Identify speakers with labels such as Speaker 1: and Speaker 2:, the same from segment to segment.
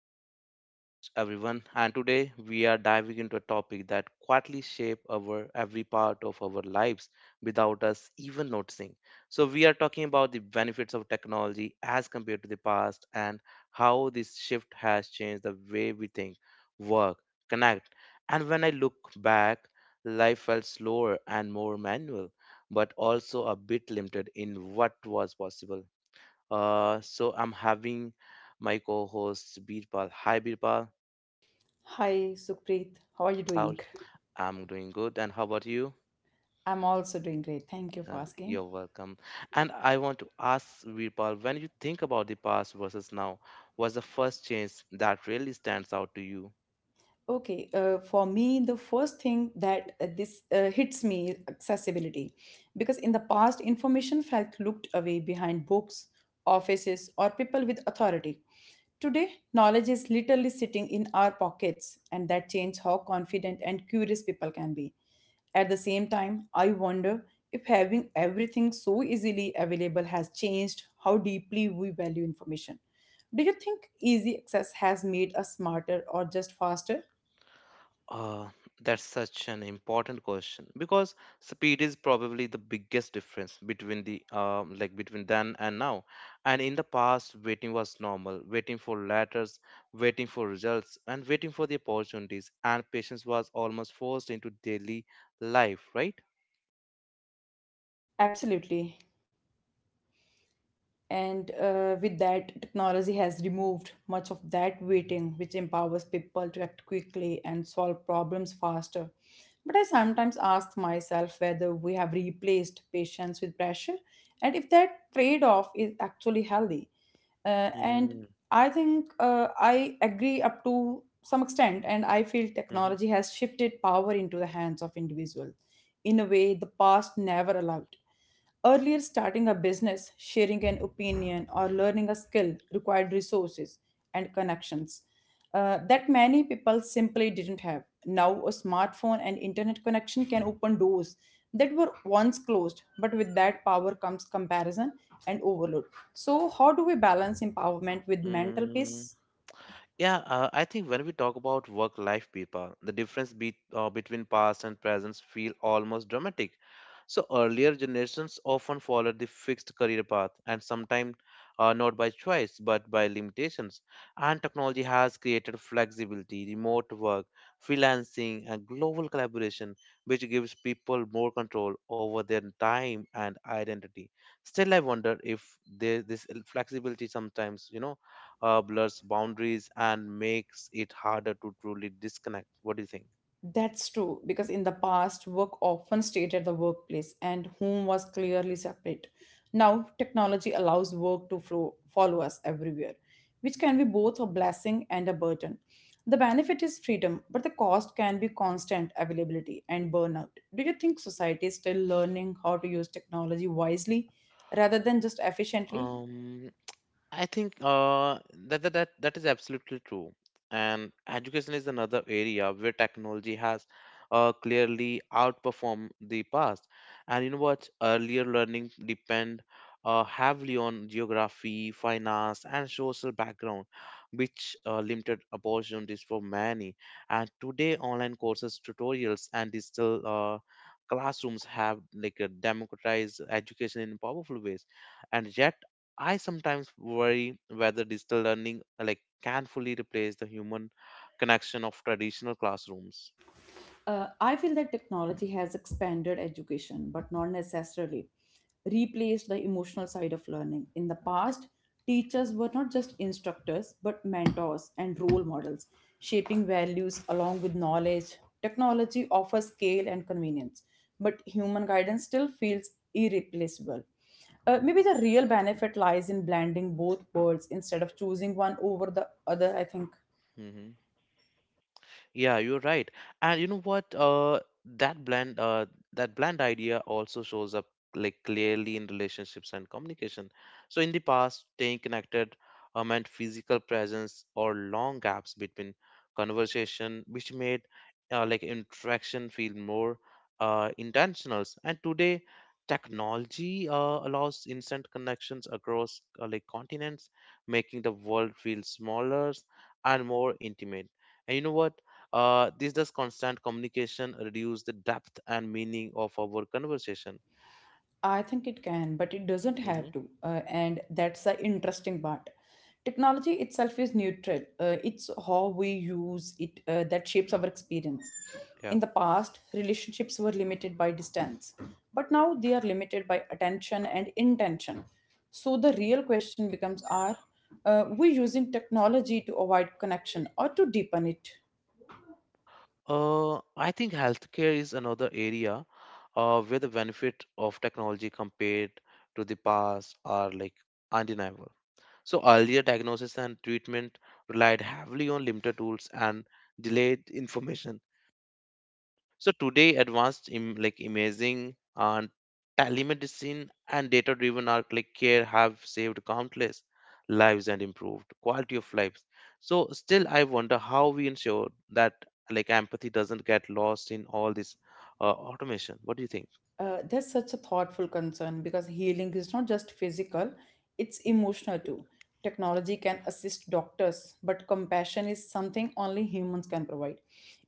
Speaker 1: back to the podcast, everyone. And today we are diving into a topic that quietly shape our every part of our lives without us even noticing. So we are talking about the benefits of technology as compared to the past and how this shift has changed the way we think, work, connect. And when I look back, life felt slower and more manual, but also a bit limited in what was possible. So I'm having my co-host Birpal. Hi Birpal,
Speaker 2: Hi, Supreet. How are you
Speaker 1: how
Speaker 2: doing?
Speaker 1: I'm doing good, and how about you?
Speaker 2: I'm also doing great. Thank you for asking.
Speaker 1: You're welcome. And I want to ask Virpal: when you think about the past versus now, what's the first change that really stands out to you?
Speaker 2: Okay, for me, the first thing that this hits me is accessibility. Because in the past, information felt looked away behind books, offices, or people with authority. Today, knowledge is literally sitting in our pockets, and that changes how confident and curious people can be. At the same time, I wonder if having everything so easily available has changed how deeply we value information. Do you think easy access has made us smarter or just faster?
Speaker 1: Uh, that's such an important question because speed is probably the biggest difference between the like between then and now. And in the past, waiting was normal. Waiting for letters, waiting for results, and waiting for the opportunities. And patience was almost forced into daily life, right?
Speaker 2: Absolutely. And with that, technology has removed much of that waiting, which empowers people to act quickly and solve problems faster, but I sometimes ask myself whether we have replaced patience with pressure and if that trade-off is actually healthy. uh,
Speaker 1: Mhm,
Speaker 2: and i think uh, I agree up to some extent, and I feel technology has shifted power into the hands of individuals in a way the past never allowed. Earlier, starting a business, sharing an opinion, or learning a skill required resources and connections that many people simply didn't have. Now, a smartphone and internet connection can open doors that were once closed, but with that power comes comparison and overload. So, how do we balance empowerment with mental
Speaker 1: mhm.
Speaker 2: peace?
Speaker 1: Yeah, I think when we talk about work-life, people, the difference between past and present feel almost dramatic. So earlier generations often followed the fixed career path, and sometimes not by choice but by limitations. And technology has created flexibility, remote work, freelancing, and global collaboration, which gives people more control over their time and identity. Still, I wonder if there, this flexibility sometimes, blurs boundaries and makes it harder to truly disconnect. What do you think?
Speaker 2: That's true, because in the past, work often stayed at the workplace and home was clearly separate. Now, technology allows work to flow, follow us everywhere, which can be both a blessing and a burden. The benefit is freedom, but the cost can be constant availability and burnout. Do you think society is still learning how to use technology wisely rather than just efficiently?
Speaker 1: Um, I think that is absolutely true. And education is another area where technology has clearly outperformed the past. And you know what? Earlier learning depend heavily on geography, finance, and social background, which limited opportunities for many. And today, online courses, tutorials, and digital classrooms have like a democratized education in powerful ways, and yet I sometimes worry whether digital learning like can fully replace the human connection of traditional classrooms.
Speaker 2: I feel that technology has expanded education, but not necessarily replaced the emotional side of learning. In the past, teachers were not just instructors, but mentors and role models, shaping values along with knowledge. Technology offers scale and convenience, but human guidance still feels irreplaceable. Maybe the real benefit lies in blending both worlds instead of choosing one over the other, I think.
Speaker 1: Mhm. Yeah, you're right. And you know what? That blend, uh, that blend idea also shows up like clearly in relationships and communication. So in the past, staying connected meant physical presence or long gaps between conversation, which made like interaction feel more intentional. And today, technology allows instant connections across like continents, making the world feel smaller and more intimate. And you know what? This does constant communication reduce the depth and meaning of our conversation.
Speaker 2: I think it can, but it doesn't
Speaker 1: Hmm.
Speaker 2: have to. And that's the interesting part. Technology itself is neutral, it's how we use it that shapes our experience.
Speaker 1: Yeah.
Speaker 2: In the past, relationships were limited by distance, but now they are limited by attention and intention. So the real question becomes, are we using technology to avoid connection or to deepen it?
Speaker 1: I think healthcare is another area where the benefit of technology compared to the past are like undeniable. So earlier diagnosis and treatment relied heavily on limited tools and delayed information. So today, advanced like imaging and telemedicine and data-driven are like care have saved countless lives and improved quality of lives. So still, I wonder how we ensure that like empathy doesn't get lost in all this automation. What do you think?
Speaker 2: That's such a thoughtful concern because healing is not just physical, it's emotional too. Technology can assist doctors, but compassion is something only humans can provide.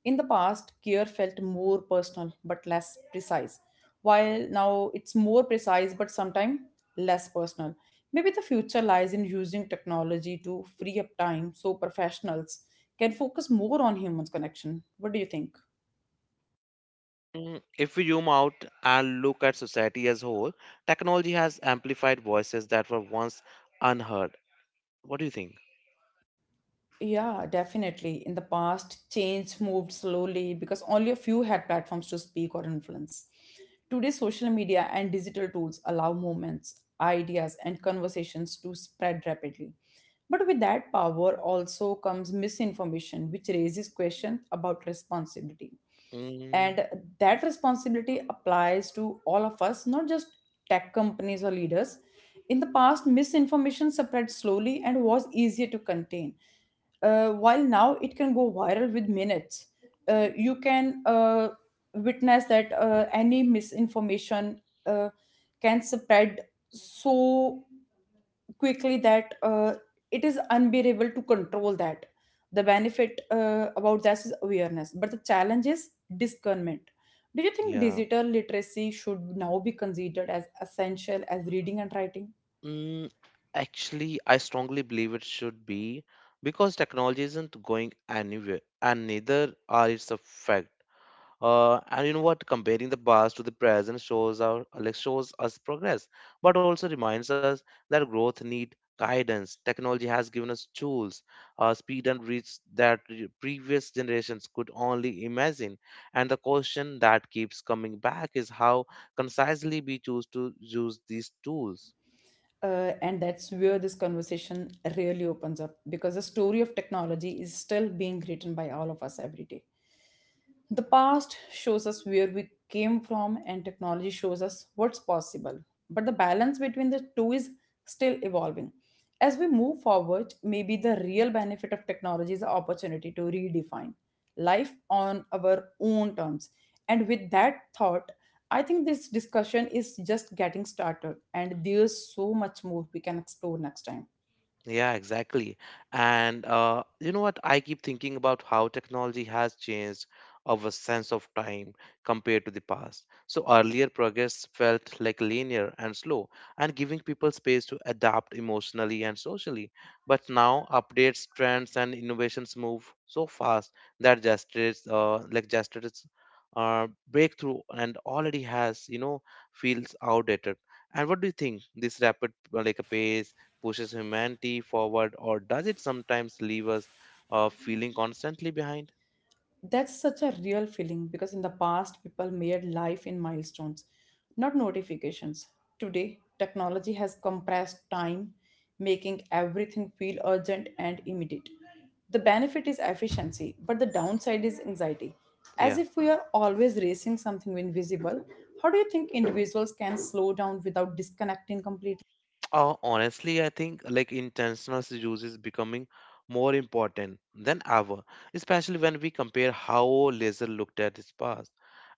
Speaker 2: In the past, care felt more personal but less precise, while now it's more precise but sometimes less personal. Maybe the future lies in using technology to free up time so professionals can focus more on humans' connection. What do you think?
Speaker 1: Mm, if we zoom out and look at society as a whole, technology has amplified voices that were once unheard. What do you think?
Speaker 2: Yeah, definitely. In the past, change moved slowly because only a few had platforms to speak or influence. Today, social media and digital tools allow movements, ideas, and conversations to spread rapidly. But with that power also comes misinformation, which raises questions about responsibility.
Speaker 1: Mm,
Speaker 2: And that responsibility applies to all of us, not just tech companies or leaders. In the past, misinformation spread slowly and was easier to contain, while now it can go viral with minutes. Uh, you can uh, witness that any misinformation can spread so quickly that it is unbearable to control that. The benefit about this is awareness, but the challenge is discernment. Do you think
Speaker 1: yeah.
Speaker 2: digital literacy should now be considered as essential as reading and writing?
Speaker 1: Mm, actually, I strongly believe it should be because technology isn't going anywhere, and neither are its effect. And you know what? Comparing the past to the present shows our like shows us progress, but also reminds us that growth need guidance. Technology has given us tools, speed and reach that previous generations could only imagine. And the question that keeps coming back is how concisely we choose to use these tools.
Speaker 2: And that's where this conversation really opens up, because the story of technology is still being written by all of us every day. The past shows us where we came from, and technology shows us what's possible. But the balance between the two is still evolving. As we move forward, maybe the real benefit of technology is the opportunity to redefine life on our own terms. And with that thought, I think this discussion is just getting started, and there's so much more we can explore next time.
Speaker 1: Yeah, exactly. And you know what? I keep thinking about how technology has changed our sense of time compared to the past. So earlier progress felt like linear and slow and giving people space to adapt emotionally and socially. But now updates, trends, and innovations move so fast that gestures, breakthrough and already has, you know, feels outdated. And what do you think? This rapid like a pace pushes humanity forward, or does it sometimes leave us feeling constantly behind?
Speaker 2: That's such a real feeling because in the past, people made life in milestones, not notifications. Today, technology has compressed time, making everything feel urgent and immediate. The benefit is efficiency, but the downside is anxiety, as
Speaker 1: Yeah.
Speaker 2: if we are always racing something invisible. How do you think individuals can slow down without disconnecting completely?
Speaker 1: Honestly, I think like intentional use is becoming more important than ever, especially when we compare how leisure looked at its past.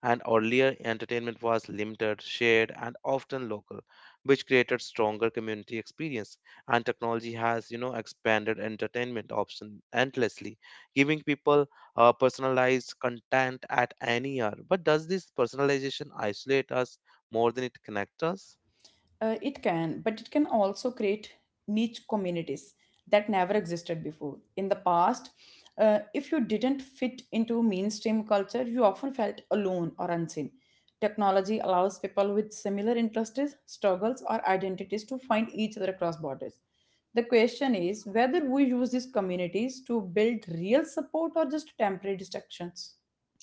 Speaker 1: And earlier, entertainment was limited, shared, and often local, which created stronger community experience. And technology has, you know, expanded entertainment option endlessly, giving people personalized content at any hour. But does this personalization isolate us more than it connects us?
Speaker 2: It can, but it can also create niche communities that never existed before. In the past, if you didn't fit into mainstream culture, you often felt alone or unseen. Technology allows people with similar interests, struggles, or identities to find each other across borders. The question is whether we use these communities to build real support or just temporary distractions.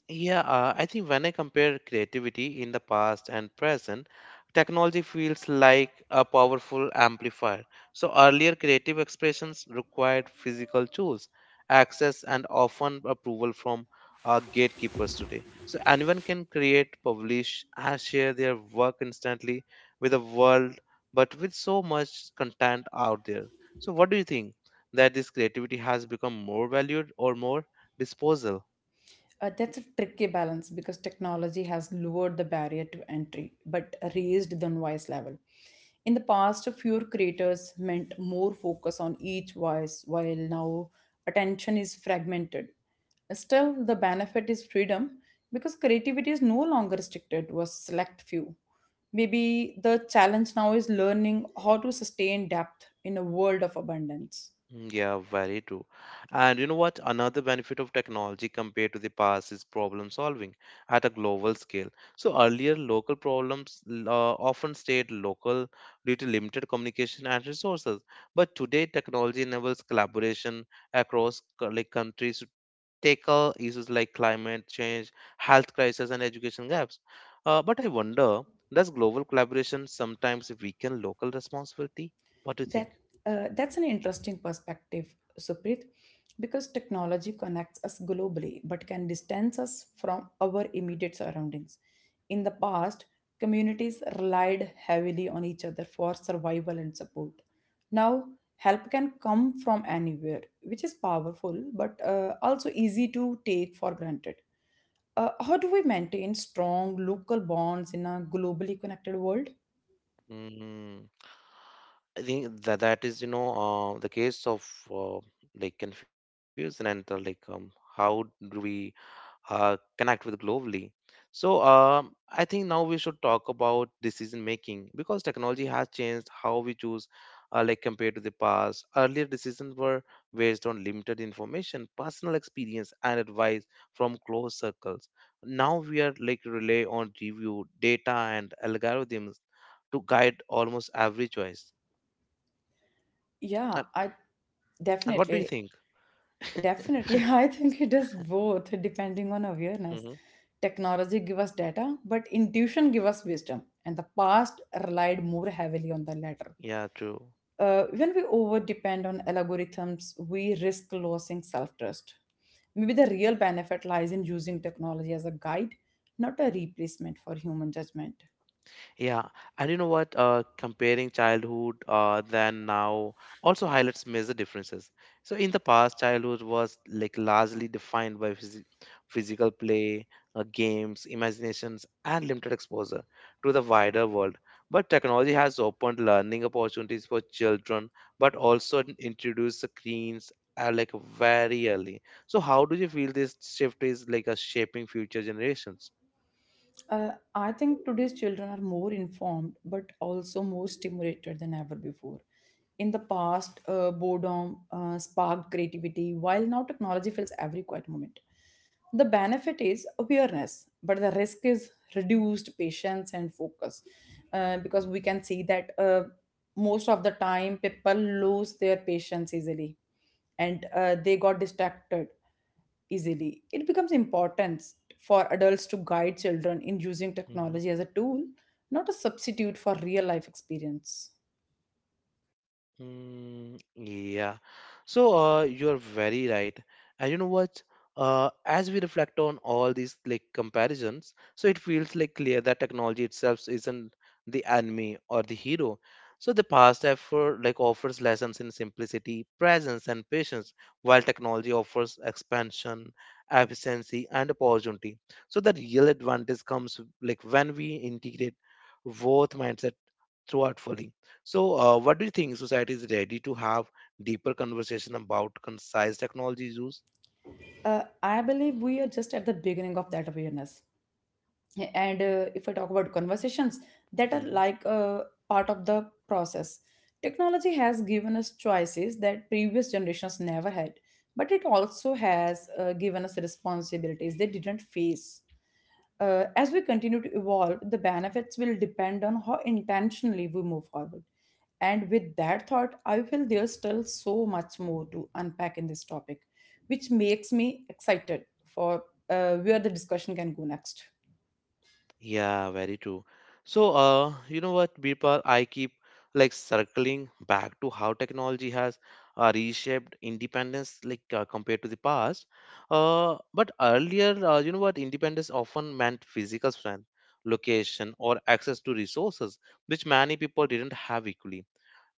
Speaker 1: Yeah, I think when I compare creativity in the past and present, technology feels like a powerful amplifier. So earlier creative expressions required physical tools, access, and often approval from gatekeepers today. So anyone can create, publish, and share their work instantly with the world, but with so much content out there. So what do you think? That this creativity has become more valued or more disposal?
Speaker 2: That's a tricky balance because technology has lowered the barrier to entry but raised the noise level. In the past, fewer creators meant more focus on each voice, while now attention is fragmented. Still, the benefit is freedom because creativity is no longer restricted to a select few. Maybe the challenge now is learning how to sustain depth in a world of abundance.
Speaker 1: Mm, yeah, very true. And you know what? Another benefit of technology compared to the past is problem solving at a global scale. So earlier, local problems often stayed local due to limited communication and resources. But today, technology enables collaboration across like countries to tackle issues like climate change, health crisis, and education gaps. But I wonder, does global collaboration sometimes weaken local responsibility? What do you think?
Speaker 2: That that's an interesting perspective, Suprit, because technology connects us globally but can distance us from our immediate surroundings. In the past, communities relied heavily on each other for survival and support. Now, help can come from anywhere, which is powerful but also easy to take for granted. How do we maintain strong local bonds in a globally connected world?
Speaker 1: Mm, I think that that is, you know, the case of like confusion and how do we connect with globally. So I think now we should talk about decision making because technology has changed how we choose, like compared to the past. Earlier decisions were based on limited information, personal experience, and advice from close circles. Now we are like rely on review, data, and algorithms to guide almost every choice. And,
Speaker 2: Yeah, I
Speaker 1: and what do you
Speaker 2: definitely
Speaker 1: think?
Speaker 2: definitely, I think it is both depending on
Speaker 1: Hmm.
Speaker 2: awareness. Technology give us data, but intuition give us wisdom, and the past relied more heavily on the latter.
Speaker 1: Yeah, true.
Speaker 2: When we over depend on algorithms, we risk losing self trust. Maybe the real benefit lies in using technology as a guide, not a replacement for human judgment.
Speaker 1: Yeah, and you know what? Comparing childhood than now also highlights major differences. So in the past, childhood was like largely defined by physical play, games, imaginations, and limited exposure to the wider world. But technology has opened learning opportunities for children, but also introduced screens like very early. So how do you feel this shift is like a shaping future generations?
Speaker 2: I think today's children are more informed but also more stimulated than ever before. In the past, boredom sparked creativity, while now technology fills every quiet moment. The benefit is awareness, but the risk is reduced patience and focus, because we can see that most of the time people lose their patience easily, and they got distracted easily. It becomes important for adults to guide children in using technology as a tool, not a substitute for real life experience.
Speaker 1: Mm, yeah. So you're very right. And you know what? As we reflect on all these like comparisons, so it feels like clear that technology itself isn't the enemy or the hero. So the past effort like offers lessons in simplicity, presence, and patience, while technology offers expansion, efficiency, and opportunity. So the real advantage comes like when we integrate both mindsets throughout fully. So, what do you think? Society is ready to have deeper conversation about concise technology use?
Speaker 2: I believe we are just at the beginning of that awareness. And if I talk about conversations that are
Speaker 1: Mhm.
Speaker 2: like part of the process, technology has given us choices that previous generations never had, but it also has given us responsibilities they didn't face. As we continue to evolve, the benefits will depend on how intentionally we move forward. And with that thought, I feel there's still so much more to unpack in this topic, which makes me excited for where the discussion can go next.
Speaker 1: Yeah, very true. So, you know what, Birpal, I keep like circling back to how technology has reshaped independence, like compared to the past. But earlier, you know what, independence often meant physical strength, location, or access to resources, which many people didn't have equally.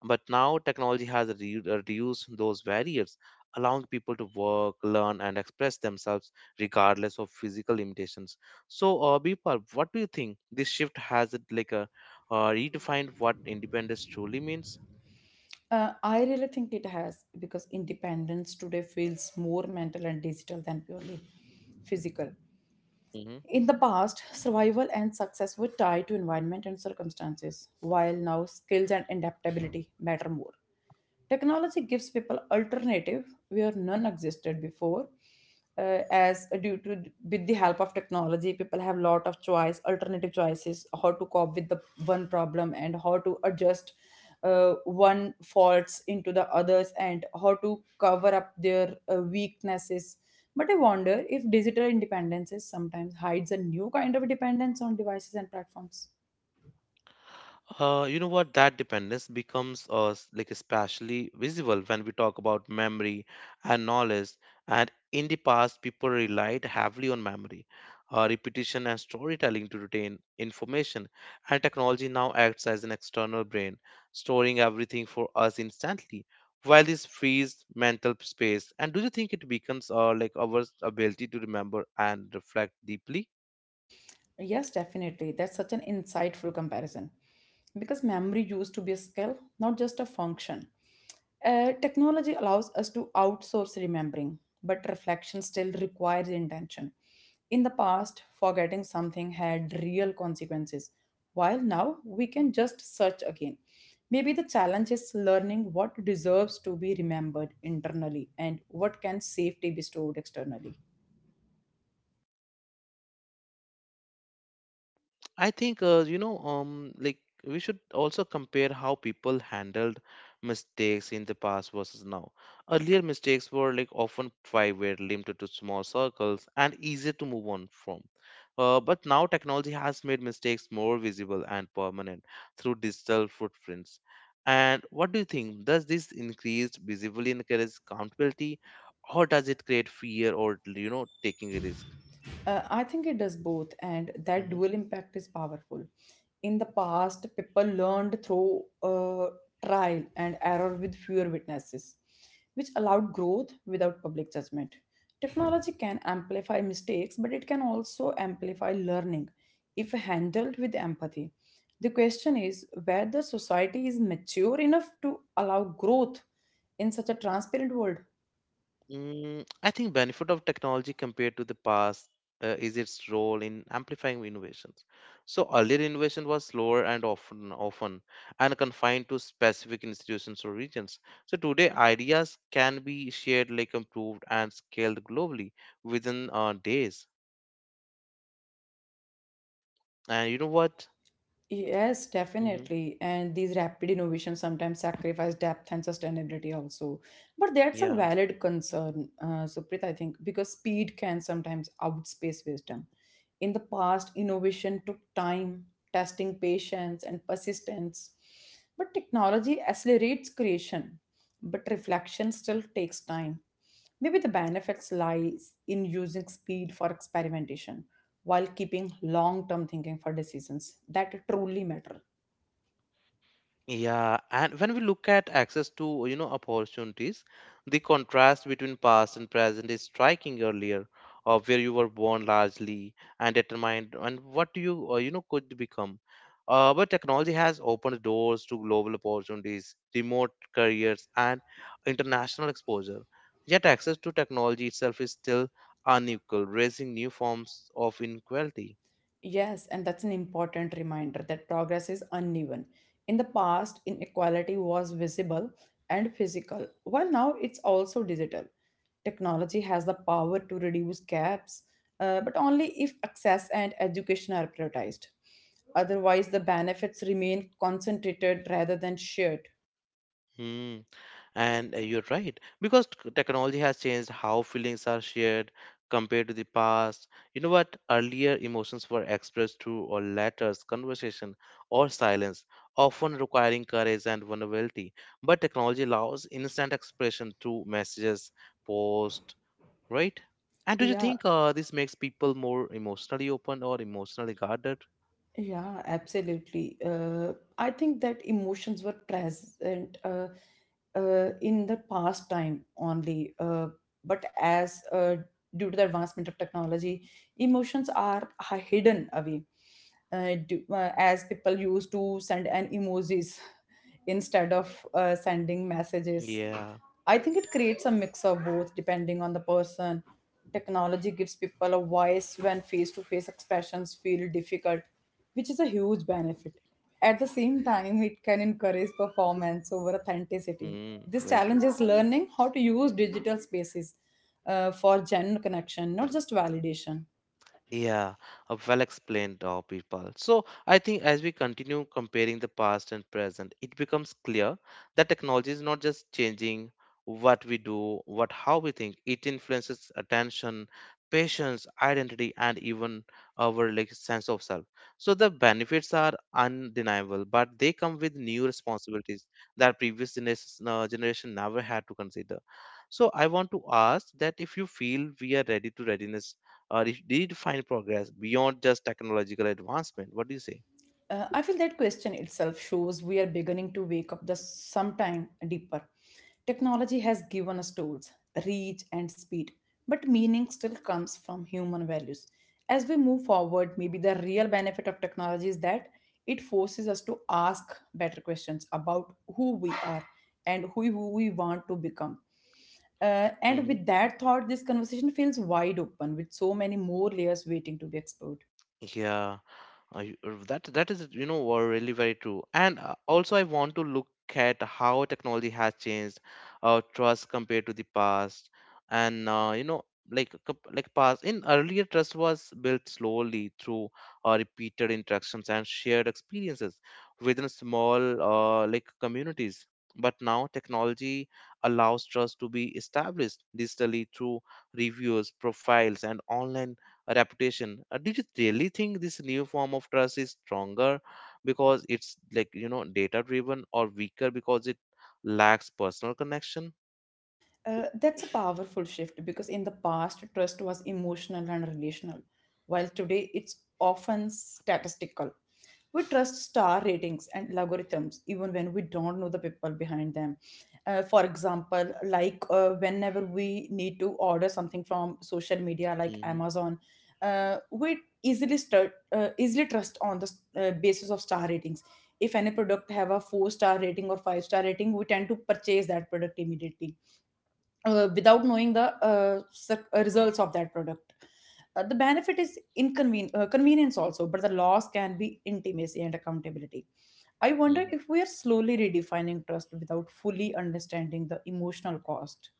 Speaker 1: But now technology has reduced those barriers, allowing people to work, learn, and express themselves regardless of physical limitations. So, Bipal, what do you think? This shift has it like a redefined what independence truly means?
Speaker 2: I really think it has because independence today feels more mental and digital than purely physical. In the past, survival and success were tied to environment and circumstances, while now skills and adaptability matter more. Technology gives people alternative where none existed before. As due to with the help of technology, people have lot of choice, alternative choices, how to cope with the one problem and how to adjust one faults into the others and how to cover up their weaknesses. But I wonder if digital independence sometimes hides a new kind of dependence on devices and platforms.
Speaker 1: You know what? That dependence becomes like especially visible when we talk about memory and knowledge. And in the past, people relied heavily on memory, repetition, and storytelling to retain information. And technology now acts as an external brain, storing everything for us instantly. While this frees mental space, and do you think it becomes like our ability to remember and reflect deeply?
Speaker 2: Yes, definitely. That's such an insightful comparison. Because memory used to be a skill, not just a function. Technology allows us to outsource remembering, but reflection still requires intention. In the past, forgetting something had real consequences, while now we can just search again. Maybe the challenge is learning what deserves to be remembered internally and what can safely be stored externally.
Speaker 1: I think you know like we should also compare how people handled mistakes in the past versus now. Earlier mistakes were like often private, limited to small circles, and easier to move on from. But now technology has made mistakes more visible and permanent through digital footprints. And what do you think? Does this increased visibility encourage accountability, or does it create fear or you know taking a risk?
Speaker 2: I think it does both, and that
Speaker 1: Mm-hmm.
Speaker 2: dual impact is powerful. In the past, people learned through trial and error with fewer witnesses, which allowed growth without public judgment. Technology can amplify mistakes, but it can also amplify learning if handled with empathy. The question is whether society is mature enough to allow growth in such a transparent world.
Speaker 1: Mm, I think benefit of technology compared to the past is its role in amplifying innovations. So earlier innovation was slower and often and confined to specific institutions or regions. So today ideas can be shared, like improved and scaled globally within days. And you know what?
Speaker 2: Yes,
Speaker 1: Hmm.
Speaker 2: definitely. And these rapid innovations sometimes sacrifice depth and sustainability also. But that's a
Speaker 1: Yeah.
Speaker 2: valid concern, Supreet, I think, because speed can sometimes outspace wisdom. In the past, innovation took time, testing, patience, and persistence. But technology accelerates creation, but reflection still takes time. Maybe the benefits lies in using speed for experimentation while keeping long-term thinking for decisions that truly matter.
Speaker 1: Yeah, and when we look at access to, you know, opportunities, the contrast between past and present is striking earlier, of where you were born largely and determined and what you, you know, could become. But technology has opened doors to global opportunities, remote careers, and international exposure. Yet access to technology itself is still unequal, raising new forms of inequality.
Speaker 2: Yes, and that's an important reminder that progress is uneven. In the past, inequality was visible and physical, while now it's also digital. Technology has the power to reduce gaps, but only if access and education are prioritized. Otherwise, the benefits remain concentrated rather than shared.
Speaker 1: Hmm. And you're right, because technology has changed how feelings are shared compared to the past. You know what? Earlier, emotions were expressed through or letters, conversation, or silence, often requiring courage and vulnerability. But technology allows instant expression through messages, post, right? And do you
Speaker 2: Yeah,
Speaker 1: think this makes people more emotionally open or emotionally guarded?
Speaker 2: Yeah, absolutely. I think that emotions were present in the past time only, but as due to the advancement of technology, emotions are hidden away. As people used to send an emojis instead of sending messages,
Speaker 1: Yeah,
Speaker 2: I think it creates a mix of both depending on the person. Technology gives people a voice when face to face expressions feel difficult which is a huge benefit. At the same time, it can encourage performance over authenticity.
Speaker 1: mm,
Speaker 2: This
Speaker 1: very
Speaker 2: challenge
Speaker 1: true.
Speaker 2: is learning how to use digital spaces for genuine connection, not just validation.
Speaker 1: Yeah, well explained, people. So I think as we continue comparing the past and present, it becomes clear that technology is not just changing what we do, what how we think. It influences attention, patience, identity, and even our like sense of self. So the benefits are undeniable, but they come with new responsibilities that previous generation never had to consider. So I want to ask that if you feel we are ready to readiness or if redefine progress beyond just technological advancement. What do you say?
Speaker 2: I feel that question itself shows we are beginning to wake up the sometime deeper. Technology has given us tools, reach, and speed, but meaning still comes from human values. As we move forward, maybe the real benefit of technology is that it forces us to ask better questions about who we are and who we want to become. And
Speaker 1: Hmm.
Speaker 2: with that thought, this conversation feels wide open with so many more layers waiting to be explored.
Speaker 1: Yeah. I, that that is you know were really very true and also I want to look at how technology has changed our trust compared to the past and you know like like past in earlier trust was built slowly through repeated interactions and shared experiences within small like communities, but now technology allows trust to be established digitally through reviews, profiles, and online reputation. Did you really think this new form of trust is stronger because it's like you know data driven, or weaker because it lacks personal connection?
Speaker 2: That's a powerful shift because in the past, trust was emotional and relational, while today it's often statistical. We trust star ratings and algorithms even when we don't know the people behind them. For example, like whenever we need to order something from social media like
Speaker 1: Hmm.
Speaker 2: Amazon, we easily trust on the basis of star ratings. If any product have a four-star rating or five-star rating, we tend to purchase that product immediately without knowing the results of that product. The benefit is convenience also, but the loss can be intimacy and accountability. I wonder if we are slowly redefining trust without fully understanding the emotional cost.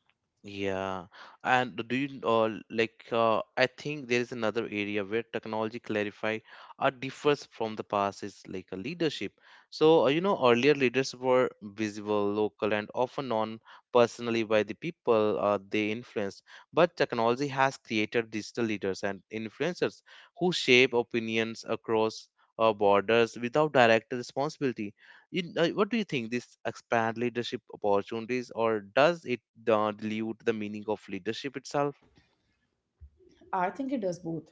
Speaker 1: Yeah, and do you, I think there is another area where technology clarify or differs from the past is like a leadership. So you know, earlier leaders were visible, local, and often known personally by the people they influenced. But technology has created digital leaders and influencers who shape opinions across borders without direct responsibility. What do you think? This expand leadership opportunities, or does it dilute the meaning of leadership itself?
Speaker 2: I think it does both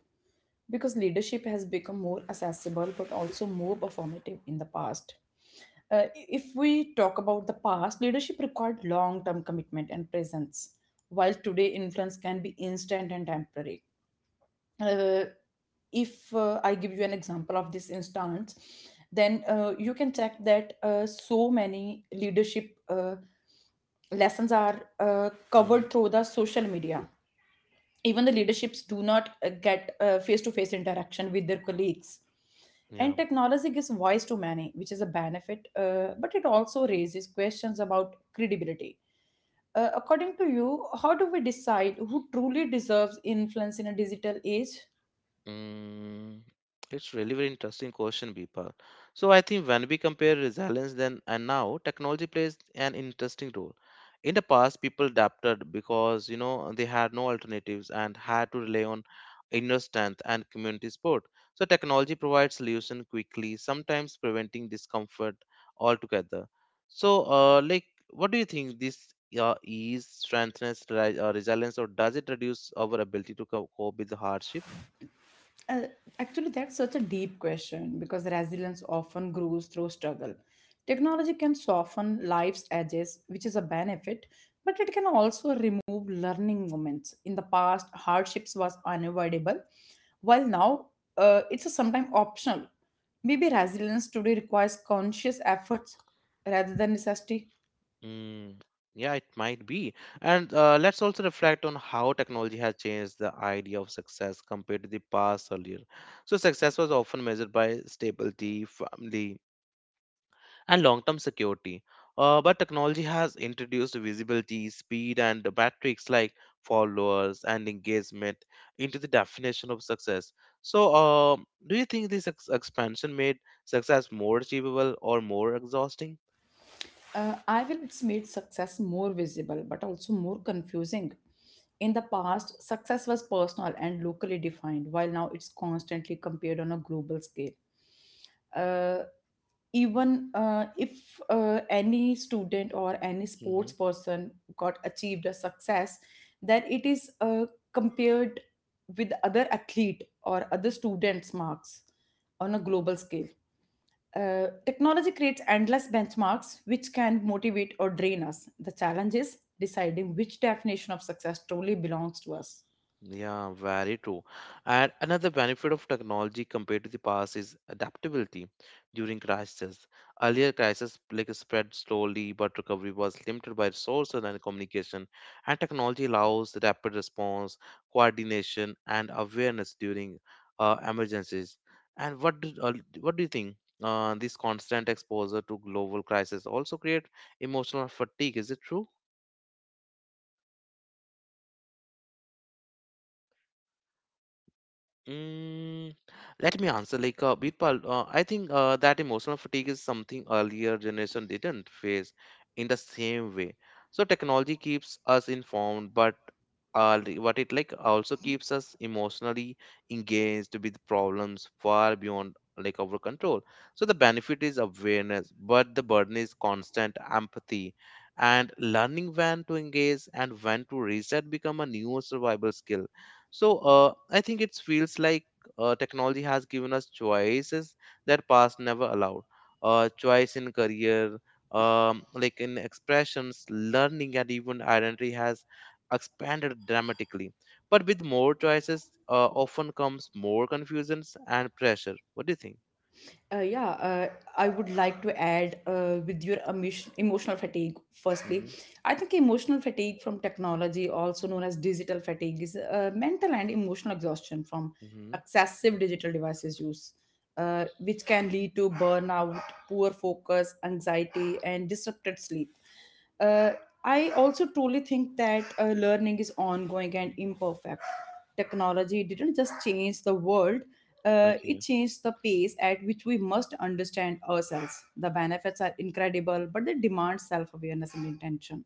Speaker 2: because leadership has become more accessible but also more performative in the past. If we talk about the past, leadership required long term commitment and presence, while today influence can be instant and temporary. Uh, if I give you an example of this instance, then you can check that so many leadership lessons are
Speaker 1: Hmm.
Speaker 2: covered through the social media. Even the leaderships do not get face to face interaction with their colleagues.
Speaker 1: Yeah.
Speaker 2: And technology gives voice to many, which is a benefit, but it also raises questions about credibility. According to you, how do we decide who truly deserves influence in a digital age?
Speaker 1: Mm, it's really very interesting question, Bipal. So I think when we compare resilience then and now, technology plays an interesting role. In the past, people adapted because you know they had no alternatives and had to rely on inner strength and community support. So technology provides solution quickly, sometimes preventing discomfort altogether. So, like, what do you think this ease, strengthens, resilience, or does it reduce our ability to cope with the hardship?
Speaker 2: Uh, Actually, that's such a deep question because resilience often grows through struggle. Technology can soften life's edges, which is a benefit, but it can also remove learning moments. In the past, hardships was unavoidable, while now it's a sometimes optional. Maybe resilience today requires conscious efforts rather than necessity.
Speaker 1: Mm, yeah, it might be. And let's also reflect on how technology has changed the idea of success compared to the past earlier. So, success was often measured by stability, family, and long term security. But technology has introduced visibility, speed, and the metrics like followers and engagement into the definition of success. So, do you think this expansion made success more achievable or more exhausting?
Speaker 2: I will it's made success more visible but also more confusing. In the past, success was personal and locally defined, while now it's constantly compared on a global scale. Uh, even if any student or any sports person got achieved a success, then it is compared with other athlete or other students' marks on a global scale. Technology creates endless benchmarks which can motivate or drain us. The challenge is deciding which definition of success truly belongs to us.
Speaker 1: Yeah, very true. And another benefit of technology compared to the past is adaptability during crises. Earlier crises like spread slowly, but recovery was limited by resources and communication. And technology allows rapid response, coordination, and awareness during emergencies. And what do you think? This constant exposure to global crisis also create emotional fatigue. Is it true? Mm, let me answer. Like Birpal, I think that emotional fatigue is something earlier generation didn't face in the same way. So technology keeps us informed, but what it like also keeps us emotionally engaged with problems far beyond like our control. So the benefit is awareness, but the burden is constant empathy, and learning when to engage and when to reset become a new survival skill. So I think it feels like technology has given us choices that past never allowed. Choice in career, like in expressions, learning, and even identity has expanded dramatically. But with more choices, often comes more confusions and pressure. What do you think?
Speaker 2: Uh, yeah, uh, I would like to add with your emotion, emotional fatigue. Firstly,
Speaker 1: Mm-hmm.
Speaker 2: I think emotional fatigue from technology, also known as digital fatigue, is mental and emotional exhaustion from
Speaker 1: Mm-hmm.
Speaker 2: excessive digital devices use, which can lead to burnout, poor focus, anxiety, and disrupted sleep. Uh, I also truly think that learning is ongoing and imperfect. Technology didn't just change the world, it changes the pace at which we must understand ourselves. The benefits are incredible, but they demand self awareness and intention.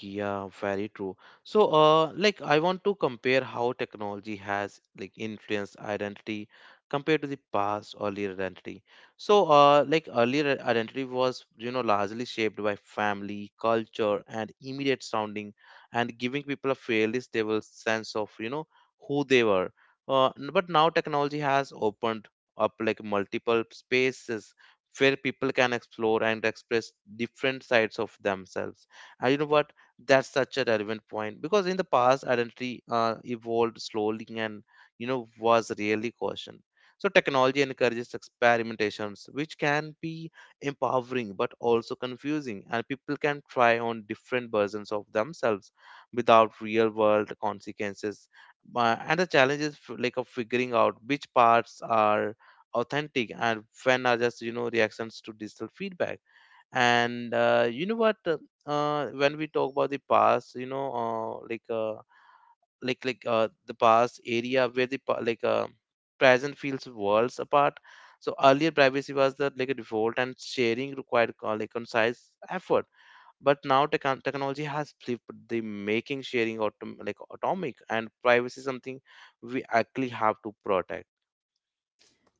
Speaker 1: Yeah, very true. So, like I want to compare how technology has like influenced identity compared to the past earlier identity. So, like earlier identity was, you know, largely shaped by family, culture, and immediate sounding, and giving people a fairly stable sense of, you know, who they were. But now technology has opened up like multiple spaces where people can explore and express different sides of themselves, and you know what, that's such a relevant point because in the past identity evolved slowly and you know was really cautioned. So technology encourages experimentations which can be empowering but also confusing, and people can try on different versions of themselves without real world consequences. And the challenge is like of figuring out which parts are authentic and when are just you know reactions to digital feedback. And you know what when we talk about the past you know the past area where the present feels worlds apart. So earlier privacy was the like a default and sharing required like concise effort, but now technology has flipped the making sharing like atomic, and privacy is something we actually have to protect.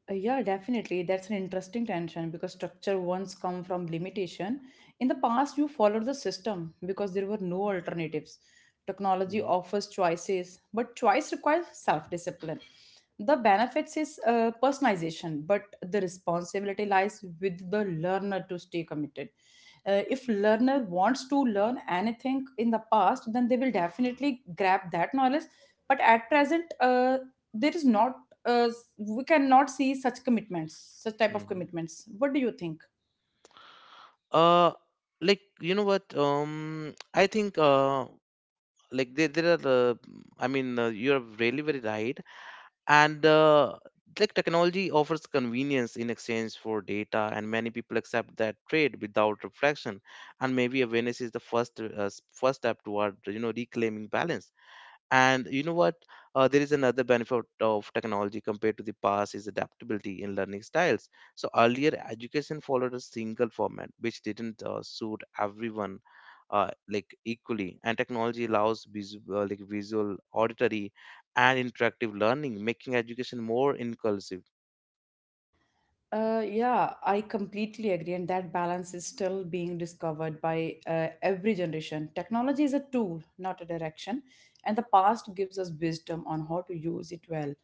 Speaker 2: Yeah, definitely. That's an interesting tension because structure once come from limitation. In the past, you followed the system because there were no alternatives. Technology
Speaker 1: Hmm.
Speaker 2: offers choices, but choice requires self-discipline. The benefits is personalization, but the responsibility lies with the learner to stay committed. If learner wants to learn anything in the past, then they will definitely grab that knowledge. But at present, there is not uh, we cannot see such commitments, such type of
Speaker 1: Hmm.
Speaker 2: commitments. What do you think?
Speaker 1: uh like you know what, I think like there are I mean you're really very right. And like technology offers convenience in exchange for data, and many people accept that trade without reflection, and maybe awareness is the first step toward you know reclaiming balance. And you know what, there is another benefit of technology compared to the past is adaptability in learning styles. So earlier education followed a single format which didn't suit everyone like equally, and technology allows visual, like visual auditory, and interactive learning, making education more inclusive.
Speaker 2: Yeah, I completely agree, and that balance is still being discovered by every generation. Technology is a tool, not a direction, and the past gives us wisdom on how to use it well.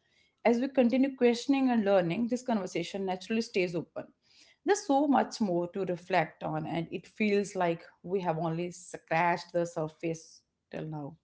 Speaker 2: As we continue questioning and learning, this conversation naturally stays open. There's so much more to reflect on, and it feels like we have only scratched the surface till now.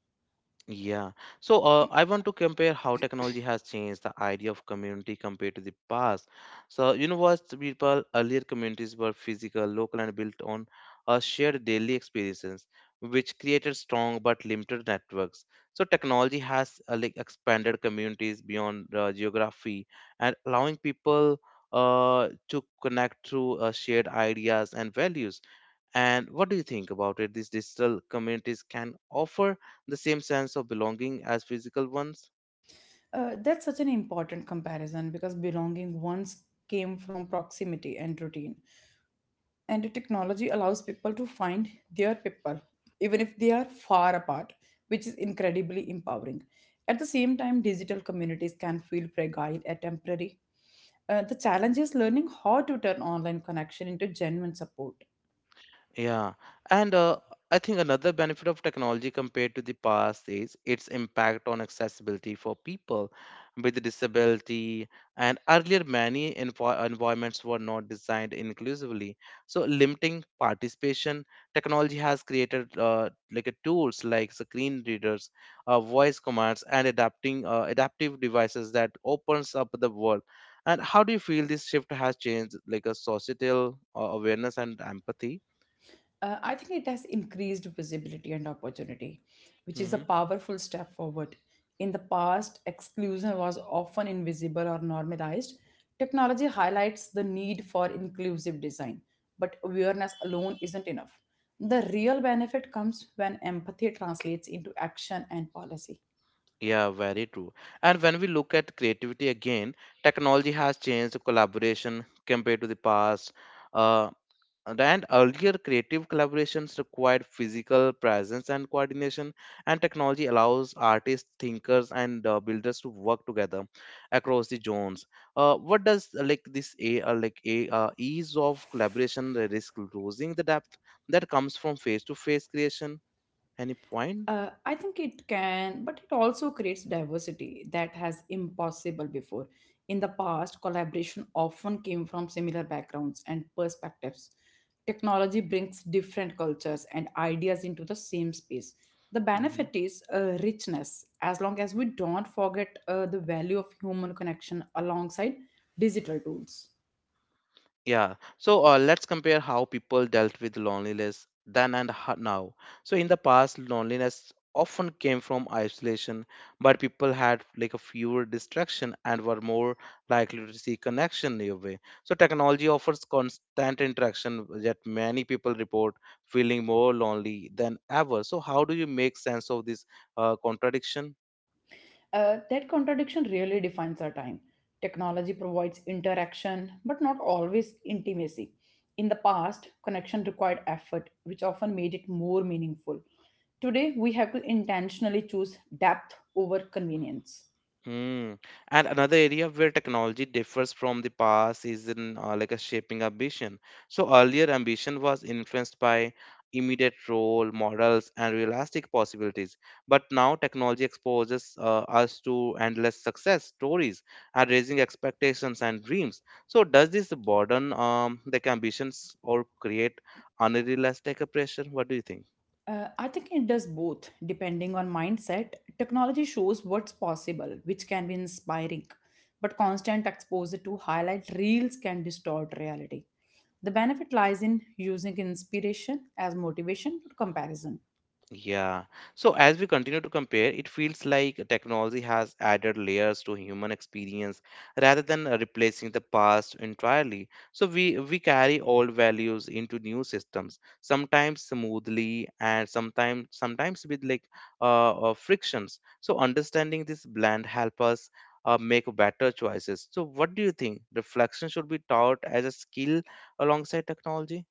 Speaker 1: Yeah. So I want to compare how technology has changed the idea of community compared to the past. So you know what, people earlier communities were physical, local, and built on a shared daily experiences, which created strong but limited networks. So technology has like expanded communities beyond geography and allowing people to connect through shared ideas and values. And what do you think about it? These digital communities can offer the same sense of belonging as physical ones.
Speaker 2: That's such an important comparison because belonging once came from proximity and routine, and the technology allows people to find their people, even if they are far apart, which is incredibly empowering. At the same time, digital communities can feel fragile and temporary. The challenge is learning how to turn online connection into genuine support.
Speaker 1: Yeah, and I think another benefit of technology compared to the past is its impact on accessibility for people with disability. And earlier, many environments were not designed inclusively, so limiting participation. Technology has created like a tools like screen readers, voice commands, and adapting adaptive devices that opens up the world. And how do you feel this shift has changed like a societal awareness and empathy?
Speaker 2: I think it has increased visibility and opportunity, which is a
Speaker 1: Hmm.
Speaker 2: powerful step forward. In the past, exclusion was often invisible or normalized. Technology highlights the need for inclusive design, but awareness alone isn't enough. The real benefit comes when empathy translates into action and policy.
Speaker 1: Yeah, very true. And when we look at creativity again, technology has changed collaboration compared to the past. Uh, and earlier, creative collaborations required physical presence and coordination, and technology allows artists, thinkers, and builders to work together across the zones. What does like this a like a ease of collaboration risk losing the depth that comes from face-to-face creation? Any point?
Speaker 2: I think it can, but it also creates diversity that has impossible before. In the past, collaboration often came from similar backgrounds and perspectives. Technology brings different cultures and ideas into the same space. The
Speaker 1: Mm-hmm.
Speaker 2: benefit is richness, as long as we don't forget the value of human connection alongside digital tools.
Speaker 1: Yeah. So let's compare how people dealt with loneliness then and now. So in the past, loneliness often came from isolation, but people had like a fewer distraction and were more likely to see connection your way. So technology offers constant interaction, yet many people report feeling more lonely than ever. So how do you make sense of this contradiction?
Speaker 2: That contradiction really defines our time. Technology provides interaction, but not always intimacy. In the past, connection required effort, which often made it more meaningful. Today, we have to intentionally choose depth over convenience.
Speaker 1: Mm. And another area where technology differs from the past is in like a shaping ambition. So earlier ambition was influenced by immediate role models and realistic possibilities. But now technology exposes us to endless success stories and raising expectations and dreams. So does this burden like ambitions, or create unrealistic pressure? What do you think?
Speaker 2: I think it does both, depending on mindset. Technology shows what's possible, which can be inspiring, but constant exposure to highlight reels can distort reality. The benefit lies in using inspiration as motivation, not comparison.
Speaker 1: Yeah. So as we continue to compare, it feels like technology has added layers to human experience rather than replacing the past entirely. So we carry old values into new systems, sometimes smoothly and sometimes with like frictions. So understanding this blend help us make better choices. So what do you think? Reflection should be taught as a skill alongside technology?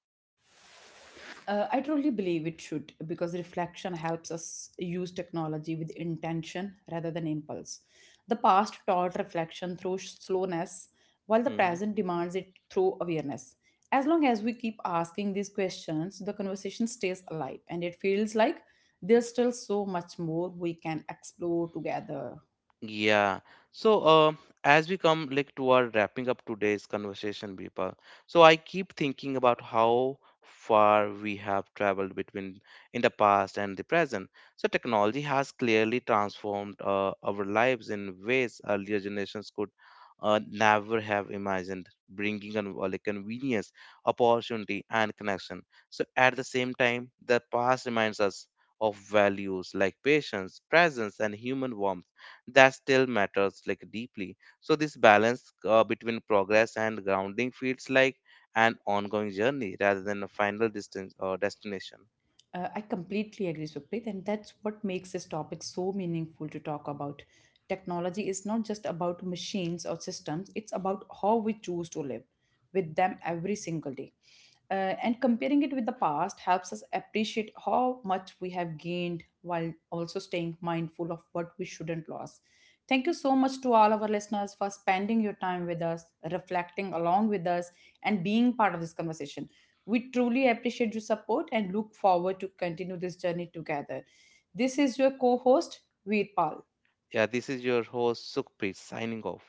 Speaker 2: I truly believe it should because reflection helps us use technology with intention rather than impulse. The past taught reflection through slowness, while the
Speaker 1: Mm-hmm.
Speaker 2: present demands it through awareness. As long as we keep asking these questions, the conversation stays alive and it feels like there's still so much more we can explore together.
Speaker 1: Yeah. So, as we come like toward wrapping up today's conversation, Bipa, so I keep thinking about how far we have traveled between in the past and the present. So, technology has clearly transformed our lives in ways earlier generations could never have imagined, bringing on like convenience, opportunity, and connection. So, at the same time, the past reminds us of values like patience, presence, and human warmth that still matters like deeply. So this balance between progress and grounding feels like an ongoing journey rather than a final distance or destination.
Speaker 2: I completely agree, Supreet, and that's what makes this topic so meaningful to talk about. Technology is not just about machines or systems, it's about how we choose to live with them every single day. Uh, and comparing it with the past helps us appreciate how much we have gained while also staying mindful of what we shouldn't lose. Thank you so much to all our listeners for spending your time with us, reflecting along with us, and being part of this conversation. We truly appreciate your support and look forward to continue this journey together. This is your co-host Veerpal.
Speaker 1: Yeah, this is your host Sukhpreet, signing off.